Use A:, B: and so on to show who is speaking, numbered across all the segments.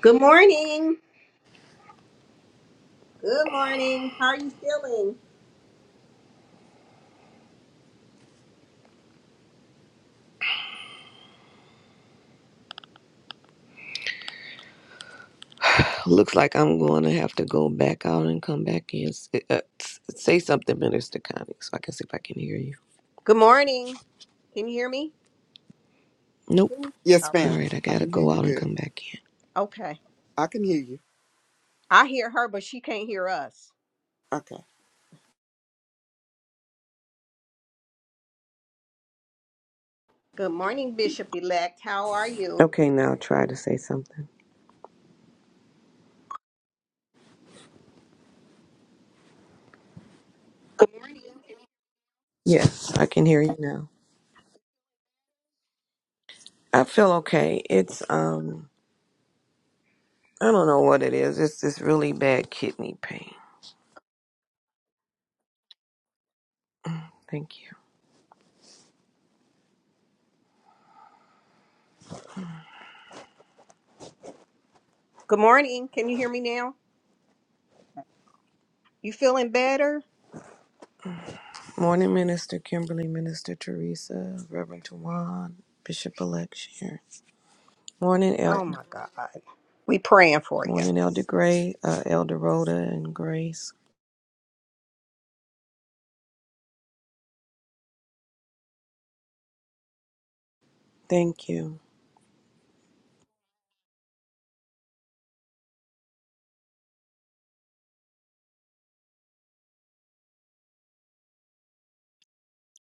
A: Good morning. Good morning. How are you feeling?
B: Looks like I'm going to have to go back out and come back in. S- Uh, s- say something, Minister Connie, so I can see if I can hear you.
A: Good morning. Can you hear me?
B: Nope.
A: Can-
C: Yes,
A: oh,
B: All
C: ma'am.
B: right, I
C: I
B: gotta
C: can hear
B: go
C: you
B: out and
C: good.
B: come back in.
A: Okay.
C: I can hear you.
A: I hear her, but she can't hear us.
C: Okay.
A: Good morning, Bishop elect. How are you?
B: Okay, now try to say something. Yes, I can hear you now. I feel okay. It's um, I don't know what it is. It's this really bad kidney pain. Thank you.
A: Good morning. Can you hear me now? You feeling better?
B: Morning, Minister Kimberly, Minister Teresa, Reverend Tawan, Bishop Elect Sharon. Morning,
A: Oh
B: Elder.
A: my God. We praying for you.
B: Morning, Elder Gray, uh, Elder Rhoda, and Grace. Thank you.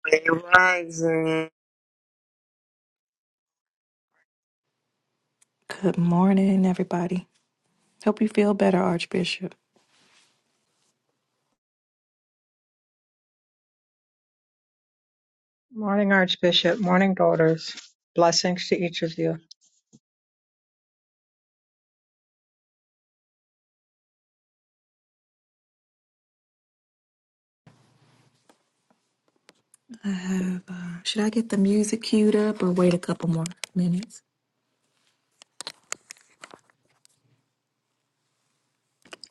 D: Grand Rising.
E: Good morning, everybody. Hope you feel better, Archbishop.
F: Morning, Archbishop. Morning, daughters. Blessings to each of you.
E: I have. Uh, should I get the music queued up or wait a couple more minutes?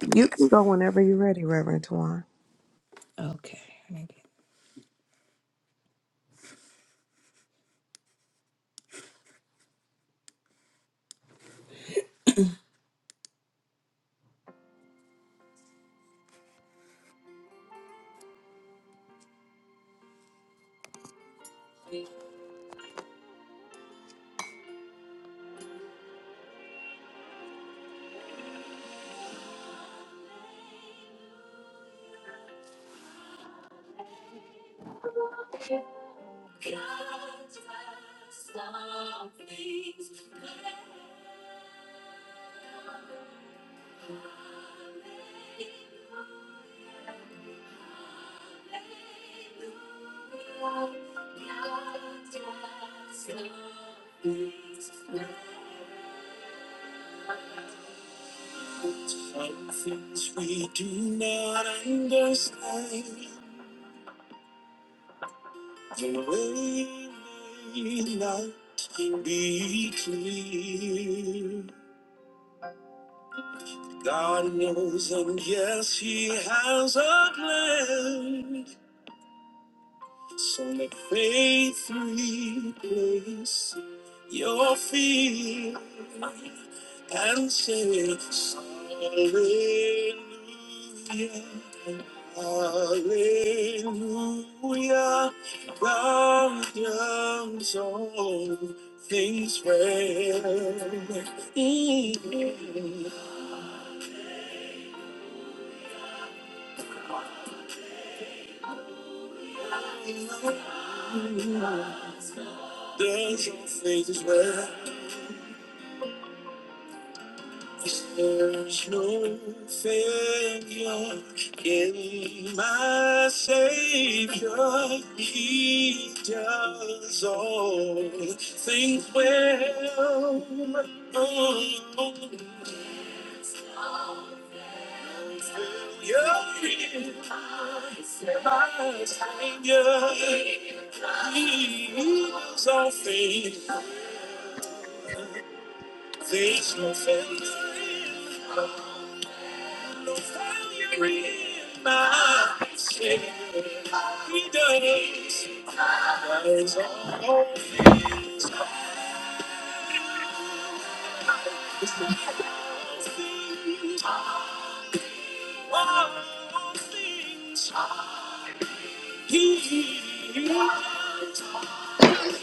B: You can go whenever you're ready, Reverend Tawan.
E: Okay. let me get- Some things we do not understand, the way may not be clear. God knows, and yes, He has a plan. So let faith replace your fear and say, Hallelujah, Hallelujah. God does all things well. Mm. Does all things well. There's no failure in my Savior. He does all things well. Oh, yeah, my Savior. He does all things. There's no failure. No failure in my Savior. He does. Was all things all things he loved? Does all things all things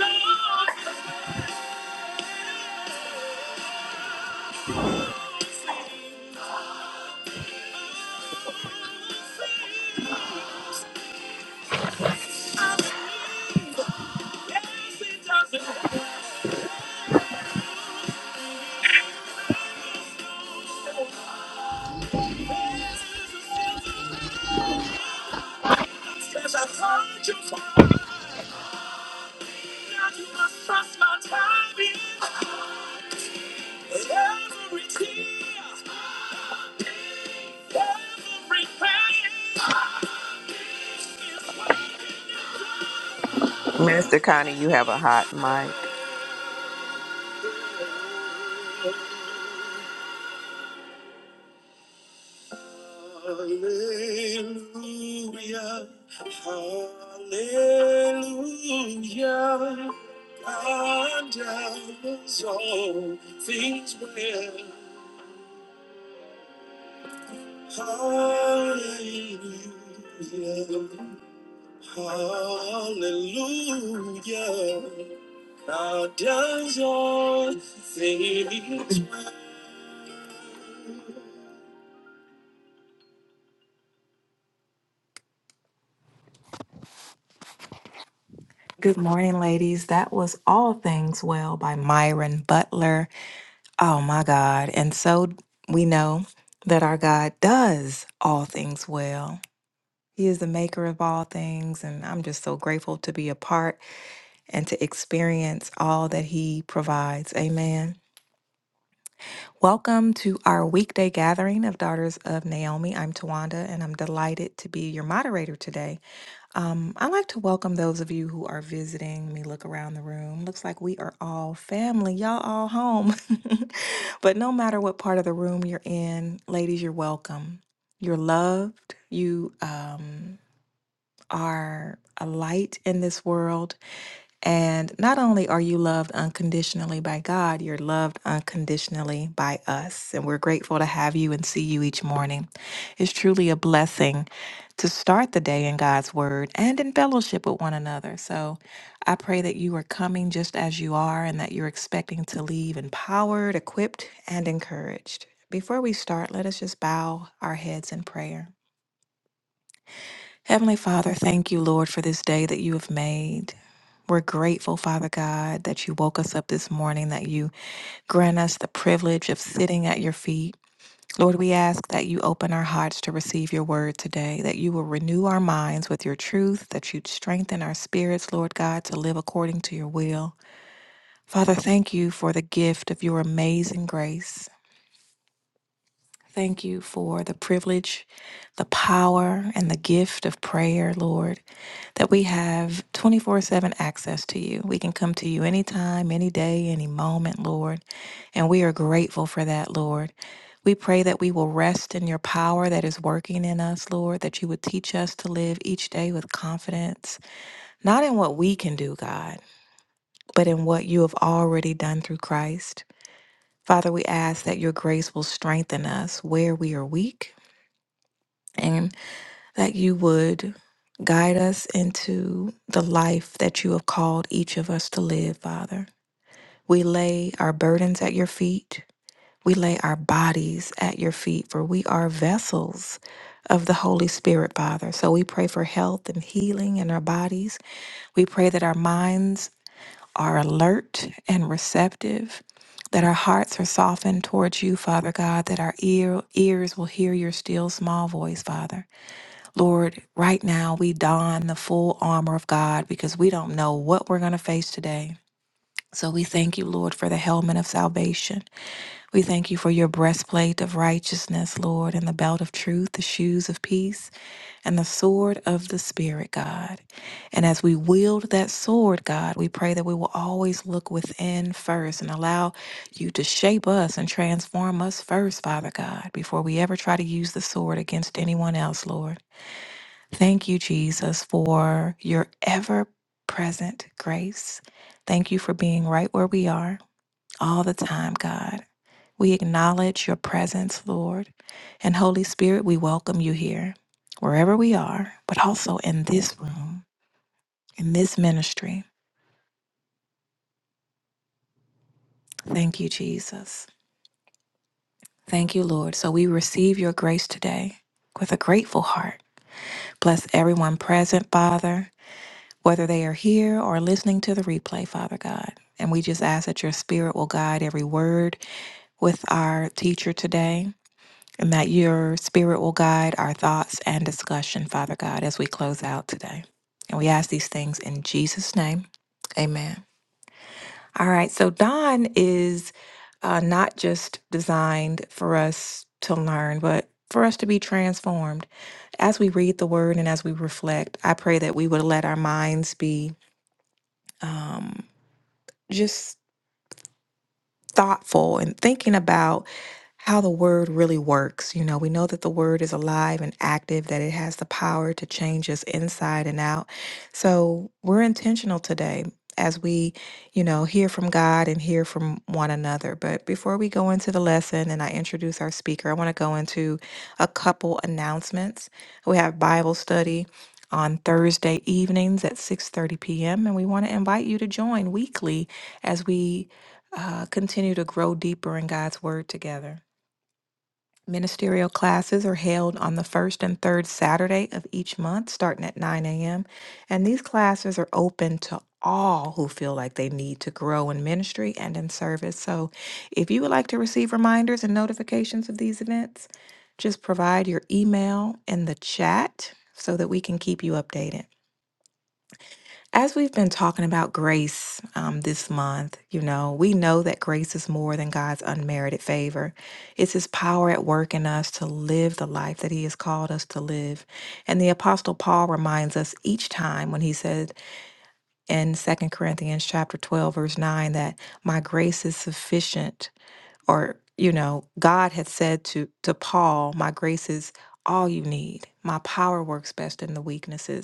E: I need? Yes, it does. Cause I found you fine. Now you must trust my timing. Every tear, every pain. is working.
B: Minister Connie, you have a hot mic.
E: Hallelujah. Hallelujah. God does all things well. Hallelujah. Hallelujah. Thou does all things well. Good morning, ladies. That was All Things Well by Myron Butler. Oh my God. And so we know that our God does all things well. He is the maker of all things, and I'm just so grateful to be a part and to experience all that He provides. Amen. Welcome to our weekday gathering of Daughters of Naomi. I'm Tawanda and I'm delighted to be your moderator today. Um, I'd like to welcome those of you who are visiting. Let me look around the room. Looks like we are all family. Y'all all home. but no matter what part of the room you're in, ladies, you're welcome. You're loved. You um, are a light in this world. And not only are you loved unconditionally by God, you're loved unconditionally by us. And we're grateful to have you and see you each morning. It's truly a blessing to start the day in God's word and in fellowship with one another. So I pray that you are coming just as you are and that you're expecting to leave empowered, equipped, and encouraged. Before we start, let us just bow our heads in prayer. Heavenly Father, thank you, Lord, for this day that you have made. We're grateful, Father God, that you woke us up this morning, that you grant us the privilege of sitting at your feet. Lord, we ask that you open our hearts to receive your word today, that you will renew our minds with your truth, that you strengthen our spirits, Lord God, to live according to your will. Father, thank you for the gift of your amazing grace. Thank you for the privilege, the power, and the gift of prayer, Lord, that we have 24 7 access to you. We can come to you anytime, any day, any moment, Lord. And we are grateful for that, Lord. We pray that we will rest in your power that is working in us, Lord, that you would teach us to live each day with confidence, not in what we can do, God, but in what you have already done through Christ. Father, we ask that your grace will strengthen us where we are weak and that you would guide us into the life that you have called each of us to live, Father. We lay our burdens at your feet. We lay our bodies at your feet, for we are vessels of the Holy Spirit, Father. So we pray for health and healing in our bodies. We pray that our minds are alert and receptive, that our hearts are softened towards you, Father God, that our ear, ears will hear your still small voice, Father Lord, right now we don the full armor of God because we don't know what we're going to face today. So we thank you, Lord, for the helmet of salvation. We thank you for your breastplate of righteousness, Lord, and the belt of truth, the shoes of peace, and the sword of the Spirit, God. And as we wield that sword, God, we pray that we will always look within first and allow you to shape us and transform us first, Father God, before we ever try to use the sword against anyone else, Lord. Thank you, Jesus, for your ever present grace. Thank you for being right where we are all the time, God. We acknowledge your presence, Lord. And Holy Spirit, we welcome you here, wherever we are, but also in this room, in this ministry. Thank you, Jesus. Thank you, Lord. So we receive your grace today with a grateful heart. Bless everyone present, Father. whether they are here or listening to the replay, Father God. And we just ask that your spirit will guide every word with our teacher today, and that your spirit will guide our thoughts and discussion, Father God, as we close out today. And we ask these things in Jesus' name. Amen. All right, so Don is uh, not just designed for us to learn, but for us to be transformed. As we read the word and as we reflect, I pray that we would let our minds be um, just thoughtful and thinking about how the word really works. You know, we know that the word is alive and active, that it has the power to change us inside and out. So we're intentional today as we, you know, hear from God and hear from one another. But before we go into the lesson and I introduce our speaker, I want to go into a couple announcements. We have Bible study on Thursday evenings at 6:30 p.m. and we want to invite you to join weekly as we uh, continue to grow deeper in God's Word together. Ministerial classes are held on the first and third Saturday of each month, starting at 9 a.m. And these classes are open to all who feel like they need to grow in ministry and in service. So if you would like to receive reminders and notifications of these events, just provide your email in the chat so that we can keep you updated. As we've been talking about grace um, this month, you know, we know that grace is more than God's unmerited favor. It's His power at work in us to live the life that He has called us to live. And the Apostle Paul reminds us each time when he said in Second Corinthians chapter 12, verse 9, that my grace is sufficient, or, you know, God had said to, to Paul, my grace is all you need. My power works best in the weaknesses.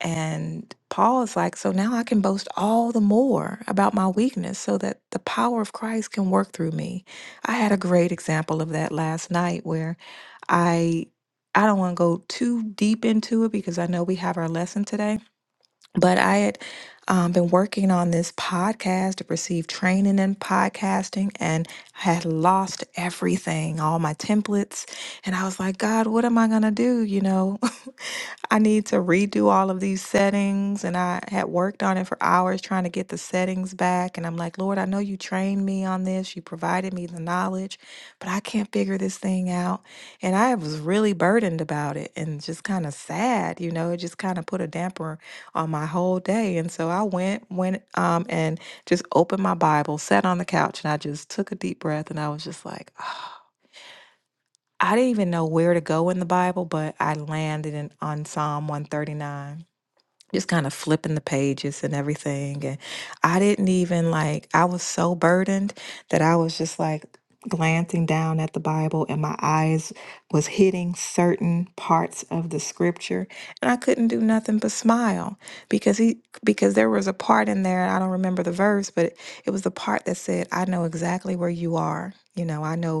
E: And Paul is like, so now I can boast all the more about my weakness so that the power of Christ can work through me. I had a great example of that last night where I I don't want to go too deep into it because I know we have our lesson today but I had um, been working on this podcast to receive training in podcasting and had lost everything, all my templates. And I was like, God, what am I going to do? You know, I need to redo all of these settings. And I had worked on it for hours trying to get the settings back. And I'm like, Lord, I know you trained me on this. You provided me the knowledge, but I can't figure this thing out. And I was really burdened about it and just kind of sad. You know, it just kind of put a damper on my whole day. And so I went, went um, and just opened my Bible, sat on the couch, and I just took a deep breath. And I was just like, "Ah." I didn't even know where to go in the Bible, but I landed in, on Psalm 139 just kind of flipping the pages and everything. And I didn't even like, I was so burdened that I was just like glancing down at the Bible and my eyes was hitting certain parts of the scripture and I couldn't do nothing but smile because he because there was a part in there I don't remember the verse but it was the part that said I know exactly where you are you know I know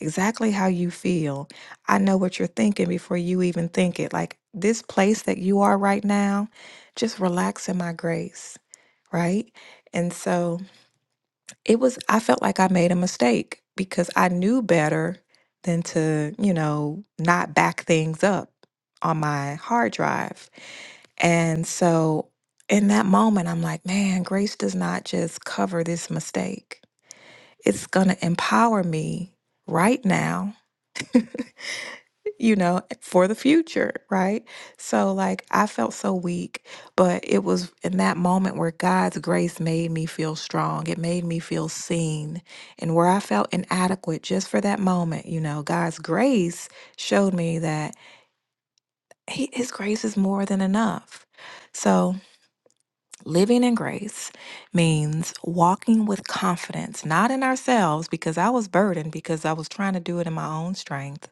E: exactly how you feel. I know what you're thinking before you even think it. Like this place that you are right now, just relax in my grace, right? And so it was, I felt like I made a mistake because I knew better than to, you know, not back things up on my hard drive. And so in that moment, I'm like, man, grace does not just cover this mistake. It's going to empower me right now you know, for the future, right? So, like, I felt so weak, but it was in that moment where God's grace made me feel strong. It made me feel seen. And where I felt inadequate just for that moment, you know, God's grace showed me that he, His grace is more than enough. So, living in grace means walking with confidence, not in ourselves, because I was burdened because I was trying to do it in my own strength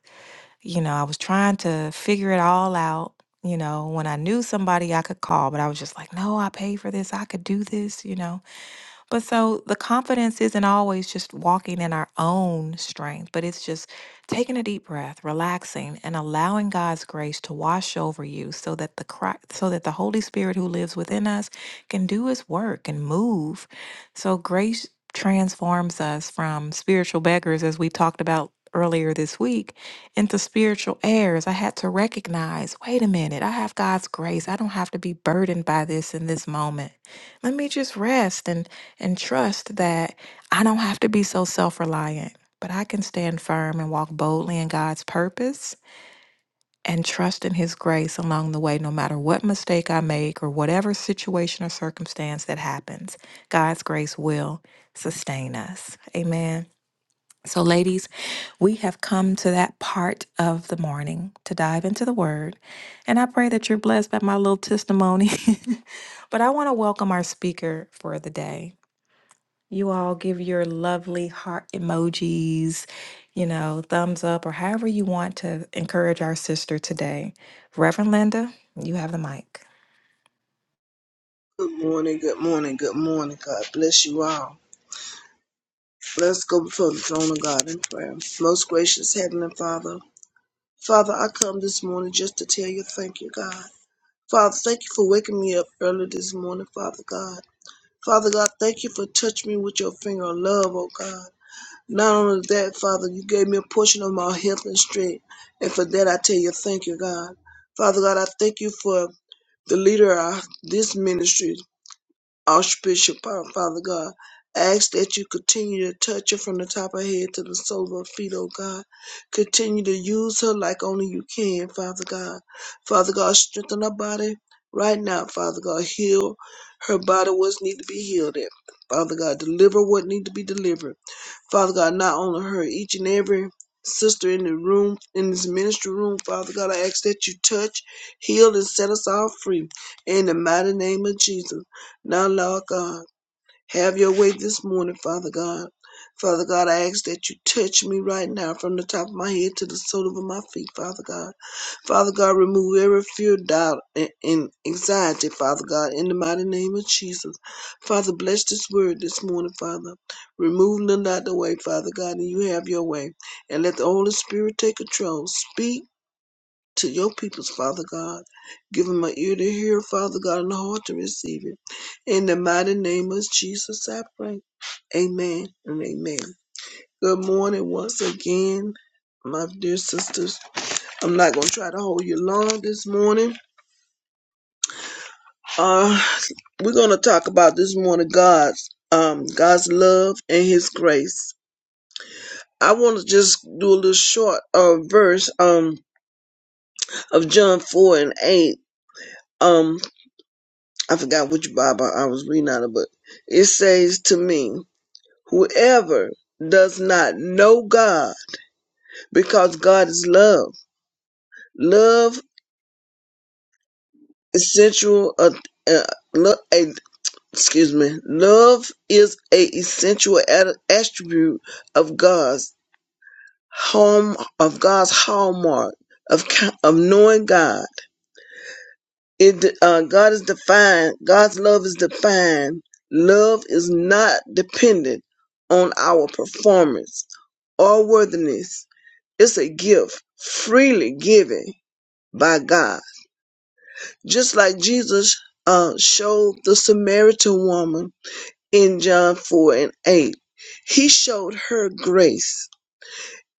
E: you know, I was trying to figure it all out. You know, when I knew somebody I could call, but I was just like, no, I paid for this. I could do this, you know. But so the confidence isn't always just walking in our own strength, but it's just taking a deep breath, relaxing, and allowing God's grace to wash over you so that the Christ, so that the Holy Spirit who lives within us can do his work and move. So grace transforms us from spiritual beggars as we talked about earlier this week into spiritual heirs. I had to recognize, wait a minute, I have God's grace. I don't have to be burdened by this in this moment. Let me just rest and and trust that I don't have to be so self reliant, but I can stand firm and walk boldly in God's purpose and trust in His grace along the way, no matter what mistake I make or whatever situation or circumstance that happens. God's grace will sustain us. Amen. So, ladies, we have come to that part of the morning to dive into the word. And I pray that you're blessed by my little testimony. but I want to welcome our speaker for the day you all give your lovely heart emojis, you know, thumbs up, or however you want to encourage our sister today. Reverend Linda, you have the mic.
G: Good morning, good morning, good morning. God bless you all. Let's go before the throne of God in prayer. Most gracious Heavenly Father, Father, I come this morning just to tell you thank you, God. Father, thank you for waking me up early this morning, Father God. Father God, thank you for touching me with your finger of love, oh God. Not only that, Father, you gave me a portion of my health and strength, and for that I tell you thank you, God. Father God, I thank you for the leader of this ministry. Archbishop, uh, Father God. I ask that you continue to touch her from the top of her head to the sole of her feet, oh God. Continue to use her like only you can, Father God. Father God, strengthen her body right now, Father God. Heal her body what needs to be healed at. Father God, deliver what needs to be delivered. Father God, not only her, each and every sister in the room, in this ministry room, Father God, I ask that you touch, heal, and set us all free. In the mighty name of Jesus. Now, Lord God, have your way this morning, Father God. Father God, I ask that you touch me right now from the top of my head to the sole of my feet, Father God. Father God, remove every fear, doubt, and, and anxiety, Father God, in the mighty name of Jesus. Father, bless this word this morning, Father. Remove none out the way, Father God, and you have your way. And let the Holy Spirit take control. Speak to your peoples, Father God. Give them an ear to hear, Father God, and a heart to receive it. In the mighty name of Jesus, I pray. Amen and amen. Good morning once again, my dear sisters. I'm not going to try to hold you long this morning. Uh, we're going to talk about this morning God's um God's love and His grace. I want to just do a little short uh, verse um of John four and eight. um. I forgot which Bible I was reading out of, but it says to me, whoever does not know God, because God is love. Love is sensual. Uh, uh, lo- a, excuse me. Love is a essential at- attribute of God's home of God's hallmark of ca- of knowing God. it uh, God is defined. God's love is defined. Love is not dependent on our performance or worthiness. It's a gift freely given by God, just like Jesus uh, showed the Samaritan woman in John four and eight. He showed her grace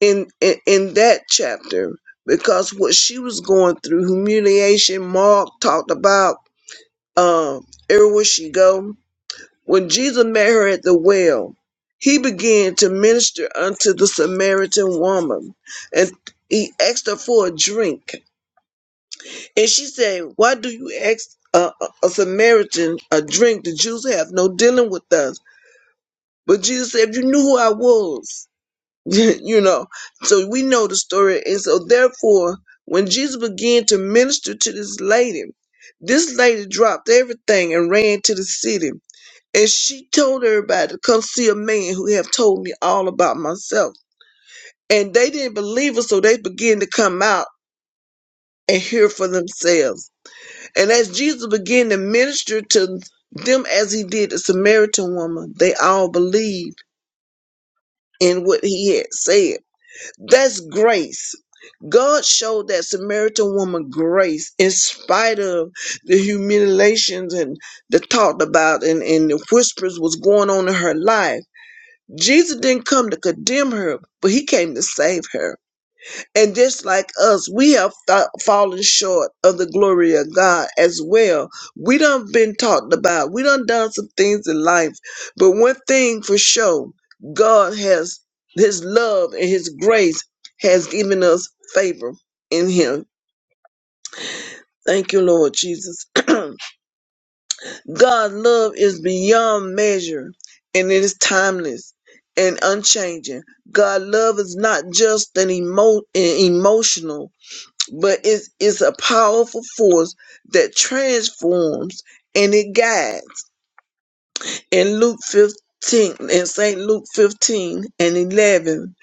G: in in, in that chapter because what she was going through, humiliation. Mark talked about um, everywhere she go. When Jesus met her at the well, he began to minister unto the Samaritan woman, and he asked her for a drink. And she said, "Why do you ask a, a a Samaritan a drink? The Jews have no dealing with us." But Jesus said, "If you knew who I was, you know." So we know the story, and so therefore, when Jesus began to minister to this lady, this lady dropped everything and ran to the city and she told everybody to come see a man who have told me all about myself. And they didn't believe her, so they began to come out and hear for themselves. And as Jesus began to minister to them as he did the Samaritan woman, they all believed in what he had said. That's grace. God showed that Samaritan woman grace in spite of the humiliations and the talked about and, and the whispers was going on in her life Jesus didn't come to condemn her, but he came to save her. And just like us, we have fa- fallen short of the glory of God as well. We done been talked about. We done done some things in life. But one thing for sure, God has his love and his grace has given us favor in him. Thank you, Lord Jesus. God's love is beyond measure and it is timeless and unchanging. God's love is not just an emo- an emotional, but it's, it's a powerful force that transforms and it guides. In Luke 15, in St. Luke 15 and 11,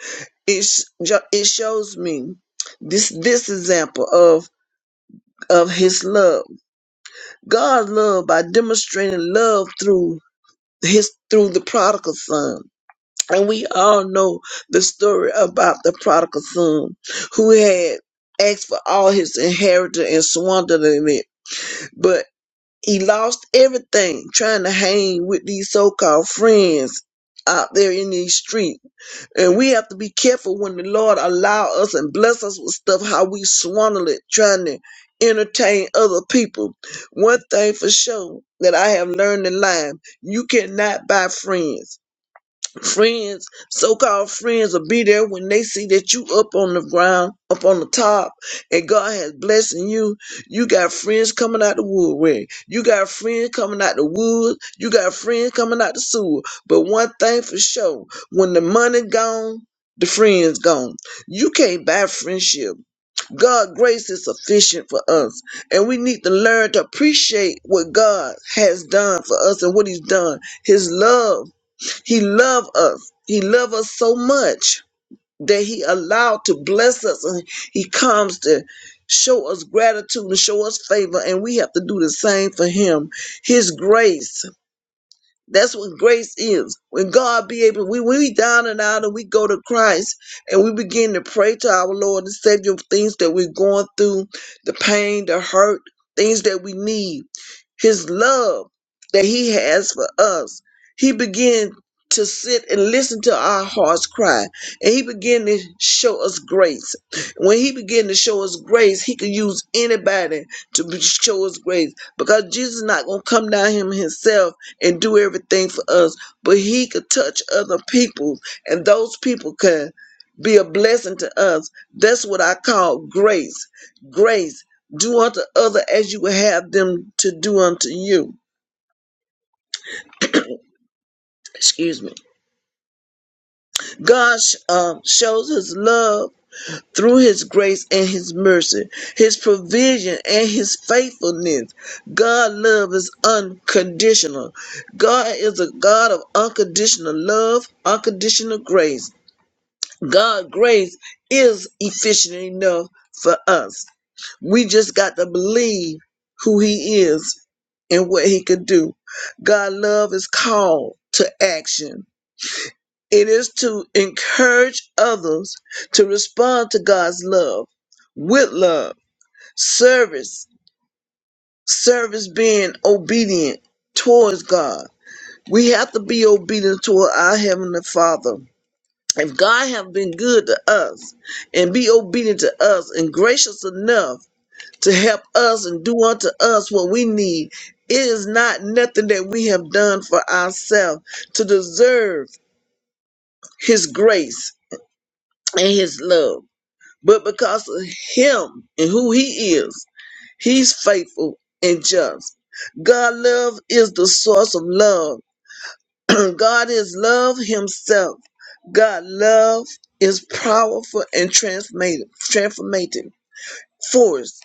G: it, sh- jo- it shows me this, this example of, of his love. God's love by demonstrating love through his through the prodigal son. And we all know the story about the prodigal son who had asked for all his inheritance and squandered it, but he lost everything trying to hang with these so-called friends out there in these streets. And we have to be careful when the Lord allow us and bless us with stuff how we squander it trying to entertain other people. One thing for sure that I have learned in life, you cannot buy friends friends, so-called friends will be there when they see that you up on the ground, up on the top, and God has blessing you. You got friends coming out the woodwork. You got friends coming out the woods. You got friends coming out the sewer. But one thing for sure, when the money gone, the friends gone. You can't buy friendship. God' grace is sufficient for us. And we need to learn to appreciate what God has done for us and what He's done. His love. He loved us. He loved us so much that he allowed to bless us and he comes to show us gratitude and show us favor and we have to do the same for him. His grace that's what grace is. When God be able, we we down and out, and we go to Christ, and we begin to pray to our Lord and Savior of things that we're going through, the pain, the hurt, things that we need. His love that He has for us. He began to sit and listen to our hearts cry, and He began to show us grace. When He began to show us grace, He could use anybody to be- show us grace because Jesus is not gonna come down Him Himself and do everything for us, but he could touch other people and those people could be a blessing to us. That's what I call grace. Grace. Do unto other as you would have them to do unto you. Excuse me. God sh- um, shows his love through his grace and his mercy, his provision and his faithfulness. God's love is unconditional. God is a God of unconditional love, unconditional grace. God grace is efficient enough for us. We just got to believe who he is and what he could do. God love is called to action. It is to encourage others to respond to God's love with love, service, service being obedient towards God. We have to be obedient toward our Heavenly Father if God have been good to us and be obedient to us and gracious enough to help us and do unto us what we need, it is not nothing that we have done for ourselves to deserve his grace and his love. But because of him and who he is, he's faithful and just. God's love is the source of love God is love himself. God love is powerful and transformative, transformative force,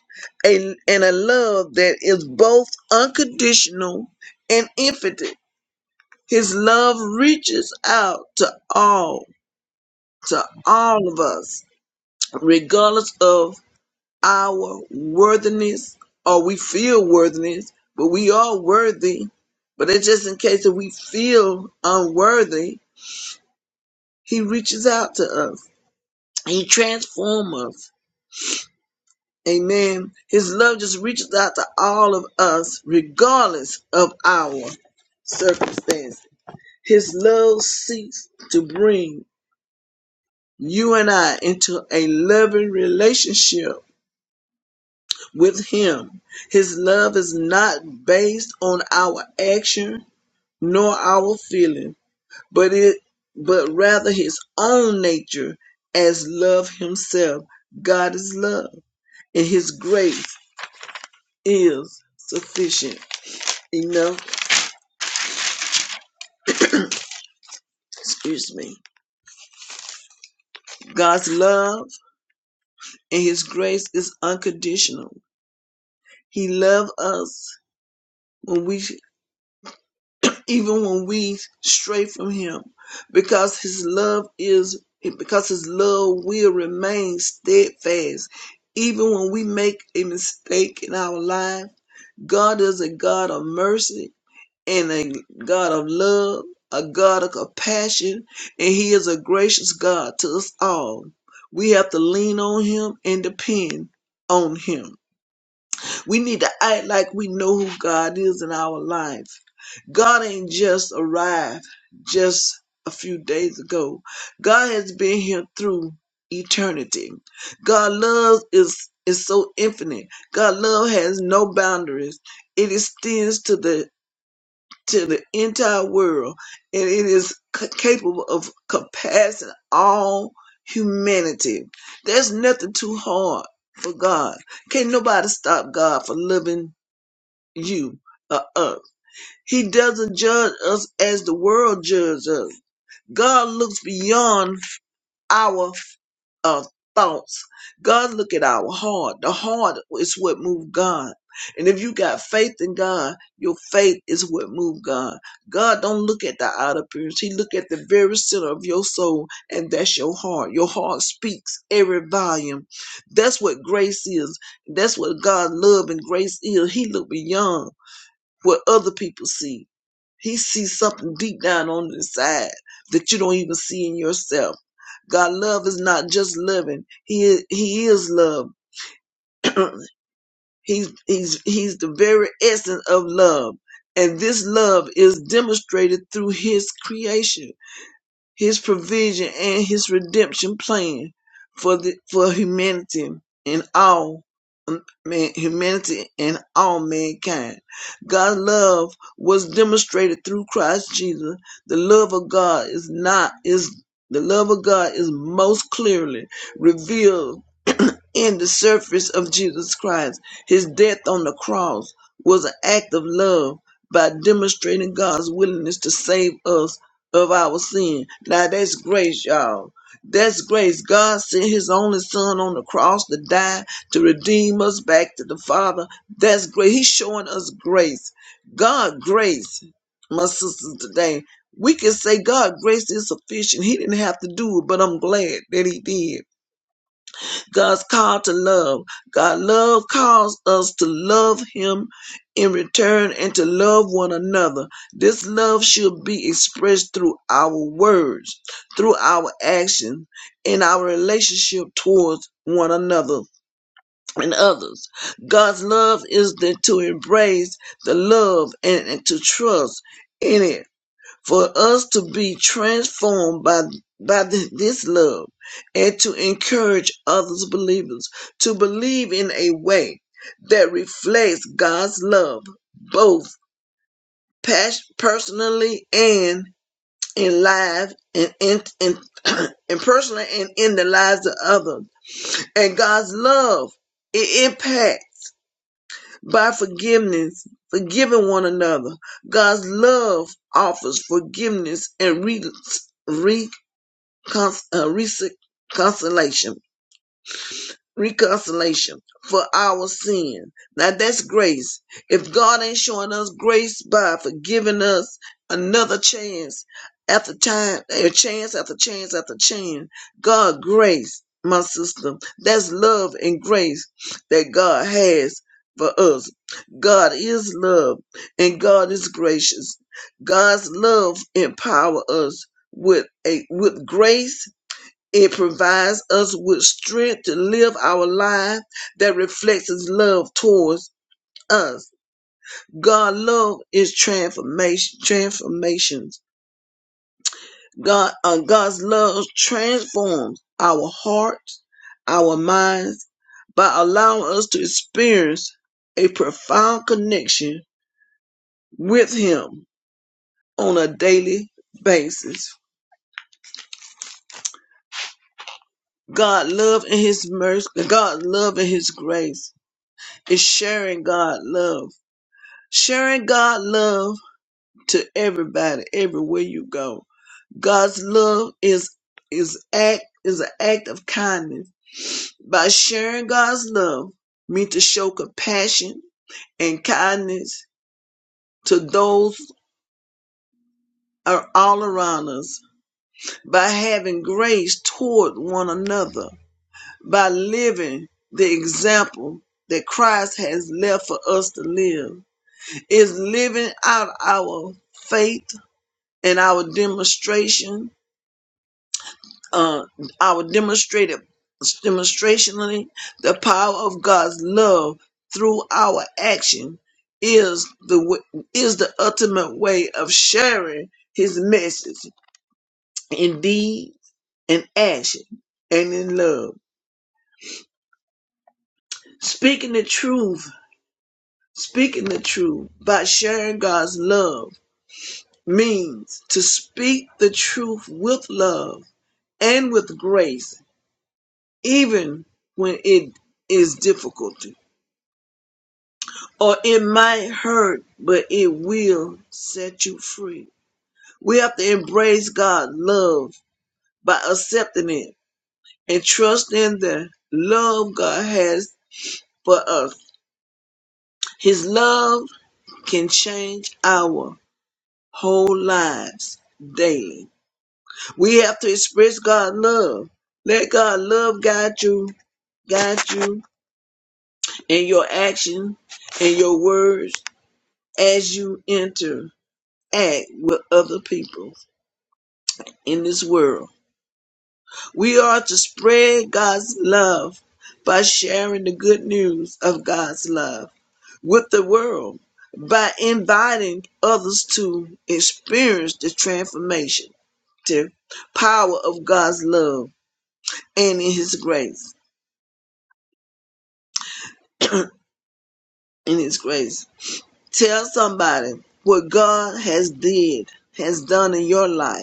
G: a, and a love that is both unconditional and infinite. His love reaches out to all, to all of us, regardless of our worthiness or we feel worthiness, but we are worthy. But it's just in case that we feel unworthy, He reaches out to us. He transforms us. Amen. His love just reaches out to all of us, regardless of our circumstance. His love seeks to bring you and I into a loving relationship with Him. His love is not based on our action nor our feeling, but it but rather His own nature as love Himself. God is love. and his grace is sufficient enough excuse me god's love and his grace is unconditional he loved us when we even when we stray from him because his love is because his love will remain steadfast even when we make a mistake in our life god is a god of mercy and a God of love, a God of compassion, and He is a gracious God to us all. We have to lean on Him and depend on Him. We need to act like we know who God is in our life. God ain't just arrived just a few days ago, God has been here through eternity. God love is is so infinite. God love has no boundaries. It extends to the to the entire world, and it is c- capable of compassing all humanity. There's nothing too hard for God. Can't nobody stop God for loving you or us. He doesn't judge us as the world judges us. God looks beyond our of thoughts. God look at our heart. The heart is what moves God. And if you got faith in God, your faith is what moves God. God don't look at the outer appearance. He look at the very center of your soul, and that's your heart. Your heart speaks every volume. That's what grace is. That's what God love and grace is. He look beyond what other people see he sees something deep down on the inside that you don't even see in yourself. God, love is not just loving. He is, he is love. he's, he's, he's the very essence of love. And this love is demonstrated through his creation his provision and his redemption plan for the for humanity and all um, man, humanity and all mankind. God's love was demonstrated through Christ Jesus. The love of God is not is the love of God is most clearly revealed in the surface of Jesus Christ. His death on the cross was an act of love by demonstrating God's willingness to save us of our sin. Now that's grace, y'all. That's grace. God sent his only son on the cross to die to redeem us back to the Father. That's grace. He's showing us grace. God grace, my sisters today. We can say God grace is sufficient. He didn't have to do it, but I'm glad that he did. God's call to love. God love calls us to love him in return and to love one another. This love should be expressed through our words, through our actions, in our relationship towards one another and others. God's love is the, to embrace the love and, and to trust in it for us to be transformed by by this love and to encourage others believers to believe in a way that reflects God's love both pas- personally and in life and in, in, in personally and in the lives of others and God's love it impacts by forgiveness forgiving one another God's love offers forgiveness and re- re- cons- uh, reconciliation, reconciliation for our sin. Now that's grace. If God ain't showing us grace by forgiving us another chance after time, a chance after chance after chance, God grace, my sister. That's love and grace that God has for us. God is love and God is gracious. God's love empower us with a with grace it provides us with strength to live our life that reflects His love towards us. God love is transformation, transformations. God, uh, God's love transforms our hearts, our minds, by allowing us to experience a profound connection with Him on a daily basis. God love and His mercy, God love and His grace is sharing God love sharing God love to everybody, everywhere you go. God's love is is act is an act of kindness. By sharing God's love, mean to show compassion and kindness to those are all around us by having grace toward one another, by living the example that Christ has left for us to live, is living out our faith and our demonstration, uh, our demonstrated demonstrationally the power of God's love through our action is the w- is the ultimate way of sharing His message in deed and action and in love, speaking the truth. Speaking the truth by sharing God's love means to speak the truth with love and with grace even when it is difficult, or it might hurt, but it will set you free. We have to embrace God's love by accepting it and trust in the love God has for us. His love can change our whole lives daily. We have to express God's love. Let God's love guide you, guide you in your action, in your words, as you interact with other people in this world. We are to spread God's love by sharing the good news of God's love with the world, by inviting others to experience the transformative power of God's love and in his grace. In his grace. Tell somebody what God has did, has done in your life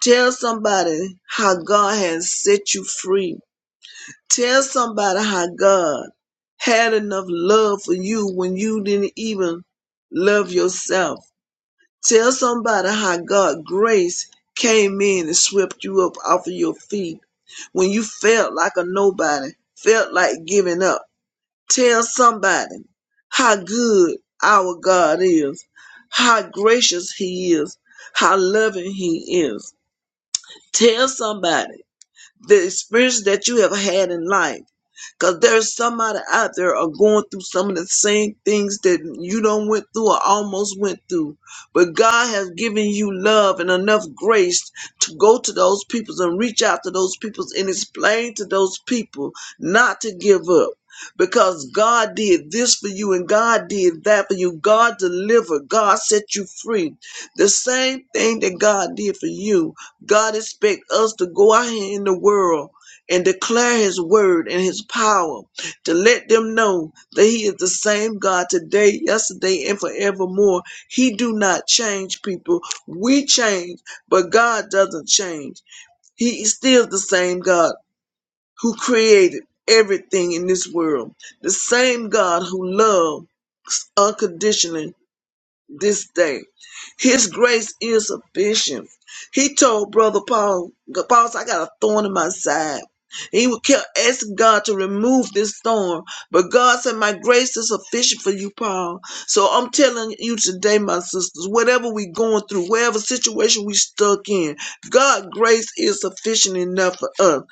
G: Tell somebody how God has set you free. Tell somebody how God had enough love for you when you didn't even love yourself. Tell somebody how God grace came in and swept you up off of your feet when you felt like a nobody, felt like giving up. Tell somebody how good our God is, how gracious He is, how loving He is. Tell somebody the experience that you have had in life. Because there's somebody out there are going through some of the same things that you don't went through or almost went through. But God has given you love and enough grace to go to those peoples and reach out to those peoples and explain to those people not to give up. Because God did this for you and God did that for you. God delivered. God set you free. The same thing that God did for you. God expects us to go out here in the world and declare his word and his power to let them know that he is the same God today, yesterday, and forevermore. He do not change people. We change, but God doesn't change. He is still the same God who created everything in this world. The same God who loves unconditionally this day. His grace is sufficient. He told Brother Paul, Paul, said, I got a thorn in my side. He would kept asking God to remove this thorn, but God said, My grace is sufficient for you, Paul. So I'm telling you today, my sisters, whatever we going through, whatever situation we stuck in, God's grace is sufficient enough for us.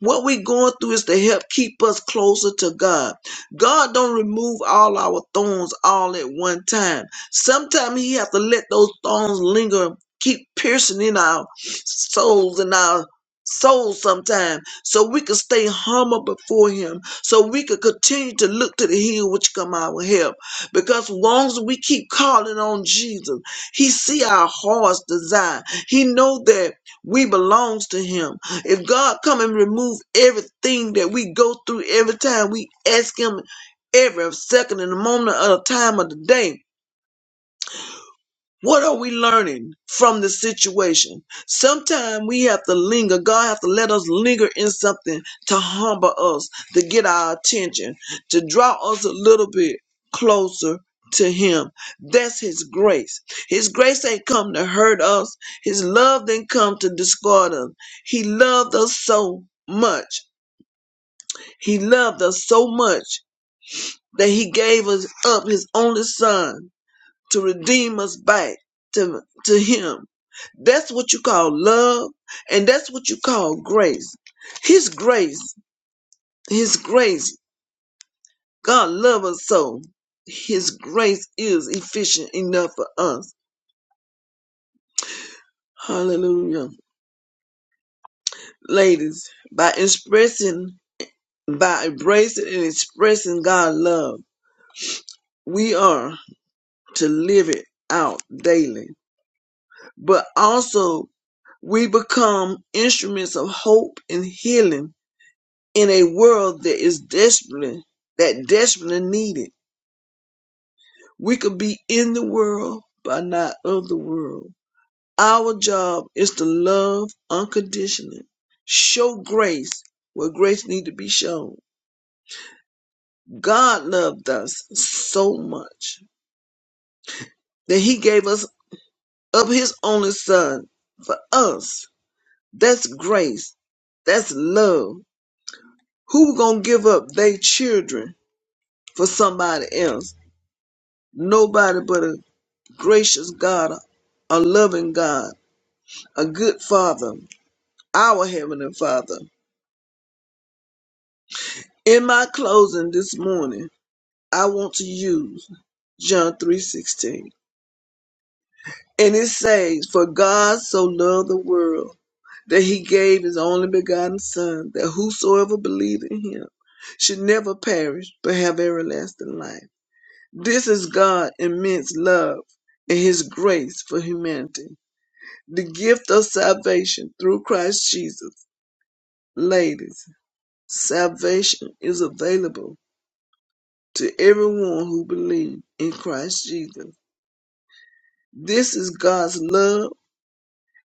G: What we going through is to help keep us closer to God. God don't remove all our thorns all at one time. Sometimes he have to let those thorns linger, keep piercing in our souls and our souls sometimes, so we can stay humble before him, so we could continue to look to the hill which come our help. Because once we keep calling on Jesus, he see our heart's desire. He know that we belongs to him. If God come and remove everything that we go through every time we ask him every second and the moment of the time of the day, what are we learning from the situation? Sometimes we have to linger. God has to let us linger in something to humble us, to get our attention, to draw us a little bit closer to Him. That's His grace. His grace ain't come to hurt us. His love didn't come to discard us. He loved us so much. He loved us so much that He gave us up His only Son to redeem us back to, to Him. That's what you call love, and that's what you call grace. His grace, His grace, God loves us so. His grace is efficient enough for us. Hallelujah. Ladies, by expressing, by embracing and expressing God's love, we are to live it out daily. But also, we become instruments of hope and healing in a world that is desperately that desperately needed. We could be in the world but not of the world. Our job is to love unconditionally, show grace where grace need to be shown. God loved us so much that He gave us of His only Son for us. That's grace. That's love. Who gonna give up their children for somebody else? Nobody but a gracious God, a loving God, a good Father, our Heavenly Father. In my closing this morning, I want to use John 3:16. And it says, For God so loved the world that he gave his only begotten Son, that whosoever believeth in him should never perish but have everlasting life. This is God's immense love and his grace for humanity. The gift of salvation through Christ Jesus Ladies, salvation is available to everyone who believes in Christ Jesus. This is God's love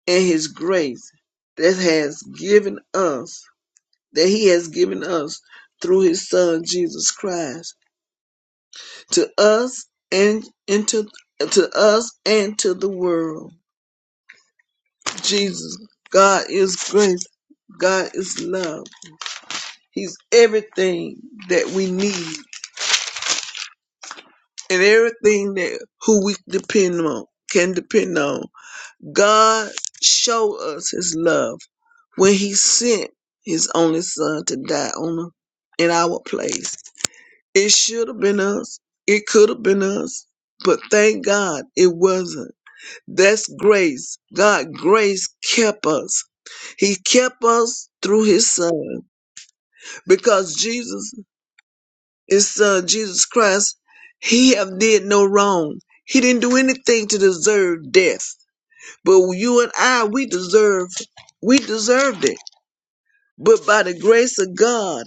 G: and his grace that has given us, that he has given us through his son Jesus Christ to us and into to us and to the world. Jesus, God is grace. God is love. He's everything that we need and everything that who we depend on can depend on. God showed us his love when he sent his only son to die on him in our place. It should have been us. It could have been us. But thank God it wasn't. That's grace. God grace kept us. He kept us through his son because Jesus His son Jesus Christ, he have did no wrong. He didn't do anything to deserve death. But you and I, we deserved, we deserved it. But by the grace of God,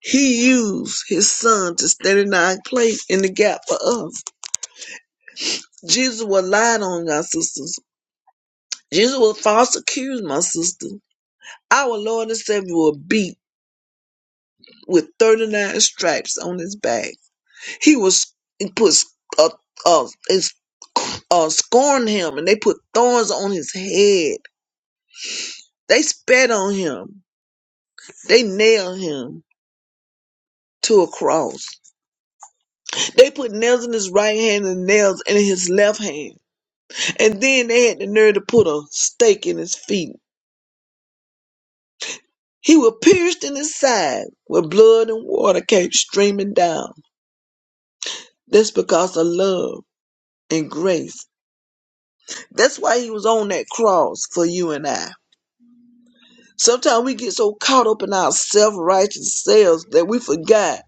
G: he used his son to stand in our place in the gap for us. Jesus was lied on, our sisters. Jesus was false accused, my sister. Our Lord and Savior was beat with 39 stripes on his back. He was he put uh, uh, his, uh, scorned him, and they put thorns on his head. They spat on him. They nailed him to a cross. They put nails in his right hand and nails in his left hand. And then they had the nerve to put a stake in his feet. He was pierced in his side where blood and water came streaming down. That's because of love and grace. That's why he was on that cross for you and I. Sometimes we get so caught up in our self righteous selves that we forgot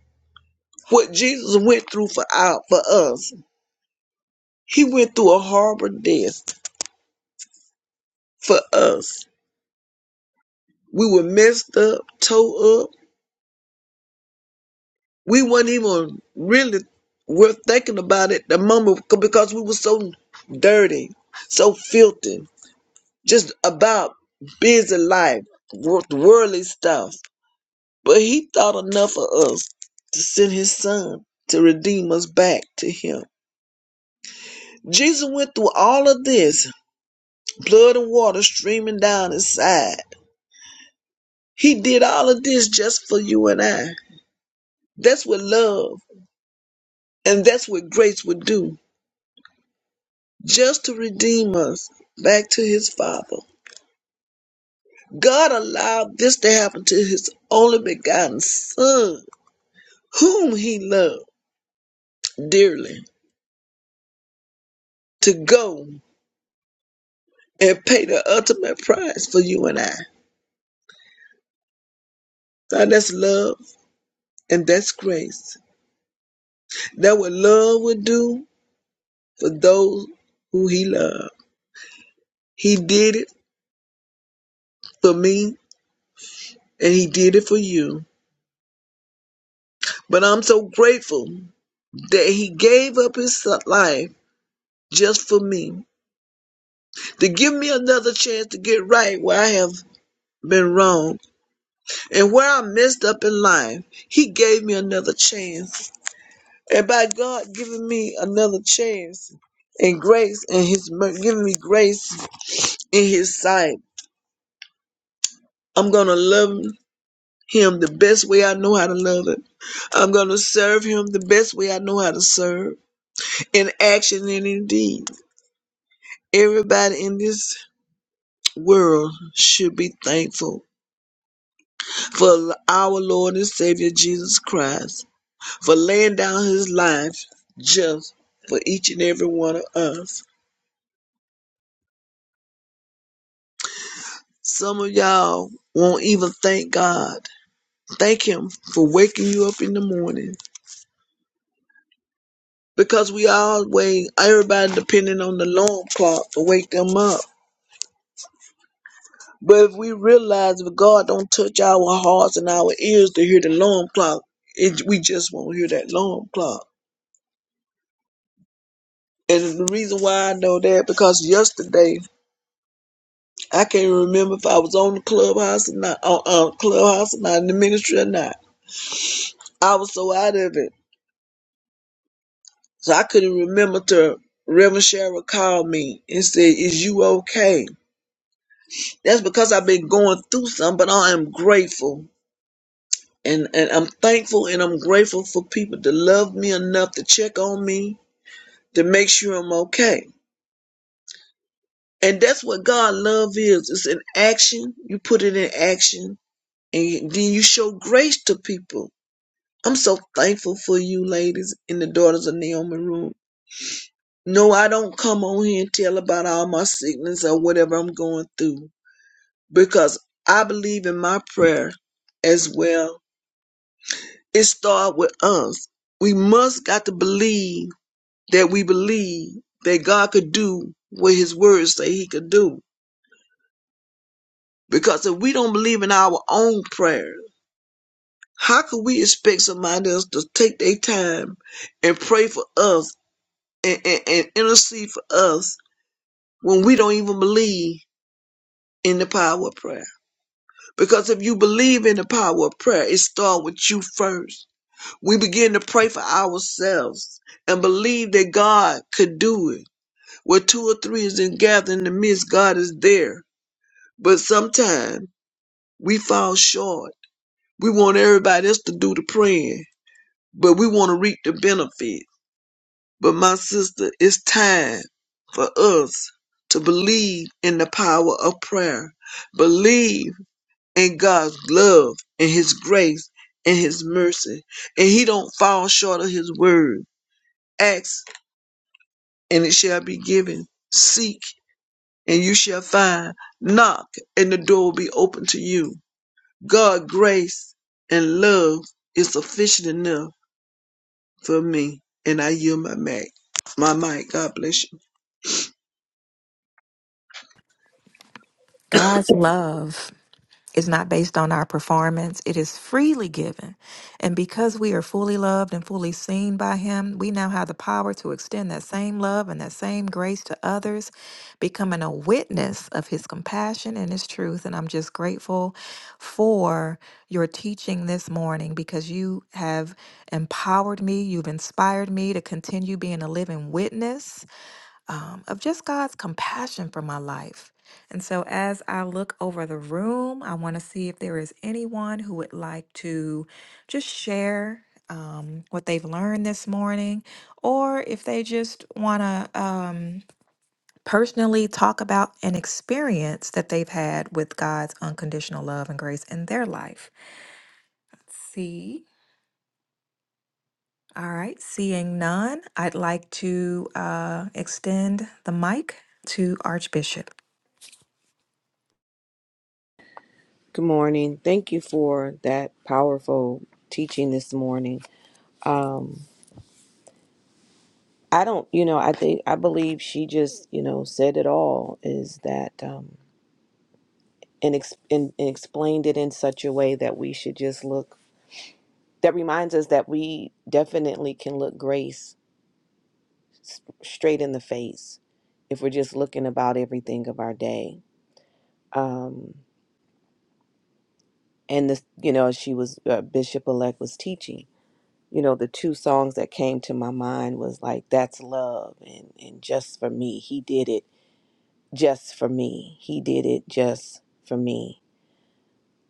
G: what Jesus went through for our for us. He went through a horrible death for us. We were messed up, tore up. We weren't even really worth thinking about it the moment because we were so dirty, so filthy, just about busy life, wor- worldly stuff. But he thought enough of us to send his son to redeem us back to him. Jesus went through all of this, blood and water streaming down his side. He did all of this just for you and I. That's what love and that's what grace would do, just to redeem us back to his Father. God allowed this to happen to his only begotten Son, whom he loved dearly, to go and pay the ultimate price for you and I. Now that's love and that's grace. That what love would do for those who he loved. He did it for me and he did it for you. But I'm so grateful that he gave up his life just for me to give me another chance to get right where I have been wrong and where I messed up in life. He gave me another chance. And by God giving me another chance and grace and his mer- giving me grace in his sight, I'm going to love him the best way I know how to love him. I'm going to serve him the best way I know how to serve in action and in deed. Everybody in this world should be thankful for our Lord and Savior Jesus Christ for laying down his life just for each and every one of us. Some of y'all won't even thank God. Thank him for waking you up in the morning because we always, everybody depending on the long clock to wake them up. But if we realize if God don't touch our hearts and our ears to hear the alarm clock, it, we just won't hear that alarm clock. And the reason why I know that because yesterday I can't remember if I was on the clubhouse or not, on uh, clubhouse or not in the ministry or not. I was so out of it, so I couldn't remember to. Reverend Cheryl called me and said, "Is you okay?" That's because I've been going through something, but I am grateful and and I'm thankful and I'm grateful for people to love me enough to check on me to make sure I'm okay. And that's what God love is. It's an action. You put it in action, and then you show grace to people. I'm so thankful for you, ladies, in the daughters of Naomi Room. No, I don't come on here and tell about all my sickness or whatever I'm going through because I believe in my prayer as well. It starts with us. We must got to believe that we believe that God could do what his words say he could do. Because if we don't believe in our own prayers, how could we expect somebody else to take their time and pray for us and, and, and intercede for us when we don't even believe in the power of prayer? Because if you believe in the power of prayer, it starts with you first. We begin to pray for ourselves and believe that God could do it. Where two or three is in gathering, in the midst, God is there. But sometimes we fall short. We want everybody else to do the praying, but we want to reap the benefit. But my sister, it's time for us to believe in the power of prayer. Believe in God's love and his grace and his mercy. And he don't fall short of his word. Ask and it shall be given. Seek and you shall find. Knock and the door will be open to you. God grace and love is sufficient enough for me. And I yield my mic. My mic. God bless you.
E: God's love. It's not based on our performance. It is freely given. And because we are fully loved and fully seen by Him, we now have the power to extend that same love and that same grace to others, becoming a witness of His compassion and His truth. And I'm just grateful for your teaching this morning because you have empowered me, you've inspired me to continue being a living witness um, of just God's compassion for my life. And so, as I look over the room, I want to see if there is anyone who would like to just share um, what they've learned this morning, or if they just want to um, personally talk about an experience that they've had with God's unconditional love and grace in their life. Let's see. All right, seeing none, I'd like to uh, extend the mic to Archbishop.
B: Good morning. Thank you for that powerful teaching this morning. Um, I don't, you know, I think I believe she just, you know, said it all. Is that um, and, ex- and, and explained it in such a way that we should just look. That reminds us that we definitely can look grace s- straight in the face if we're just looking about everything of our day. Um, and this you know she was uh, bishop elect was teaching you know the two songs that came to my mind was like that's love and and just for me he did it just for me he did it just for me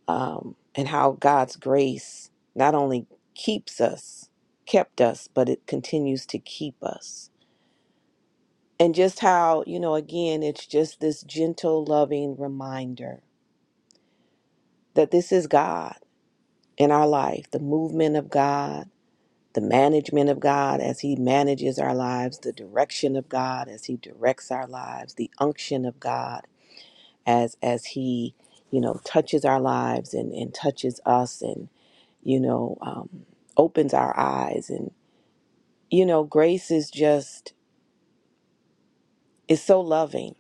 B: um and how god's grace not only keeps us kept us but it continues to keep us and just how you know again it's just this gentle loving reminder that this is god in our life the movement of god the management of God as He manages our lives, the direction of God as He directs our lives, the unction of God as as He, you know, touches our lives and and touches us and you know um, opens our eyes and you know grace is just is so loving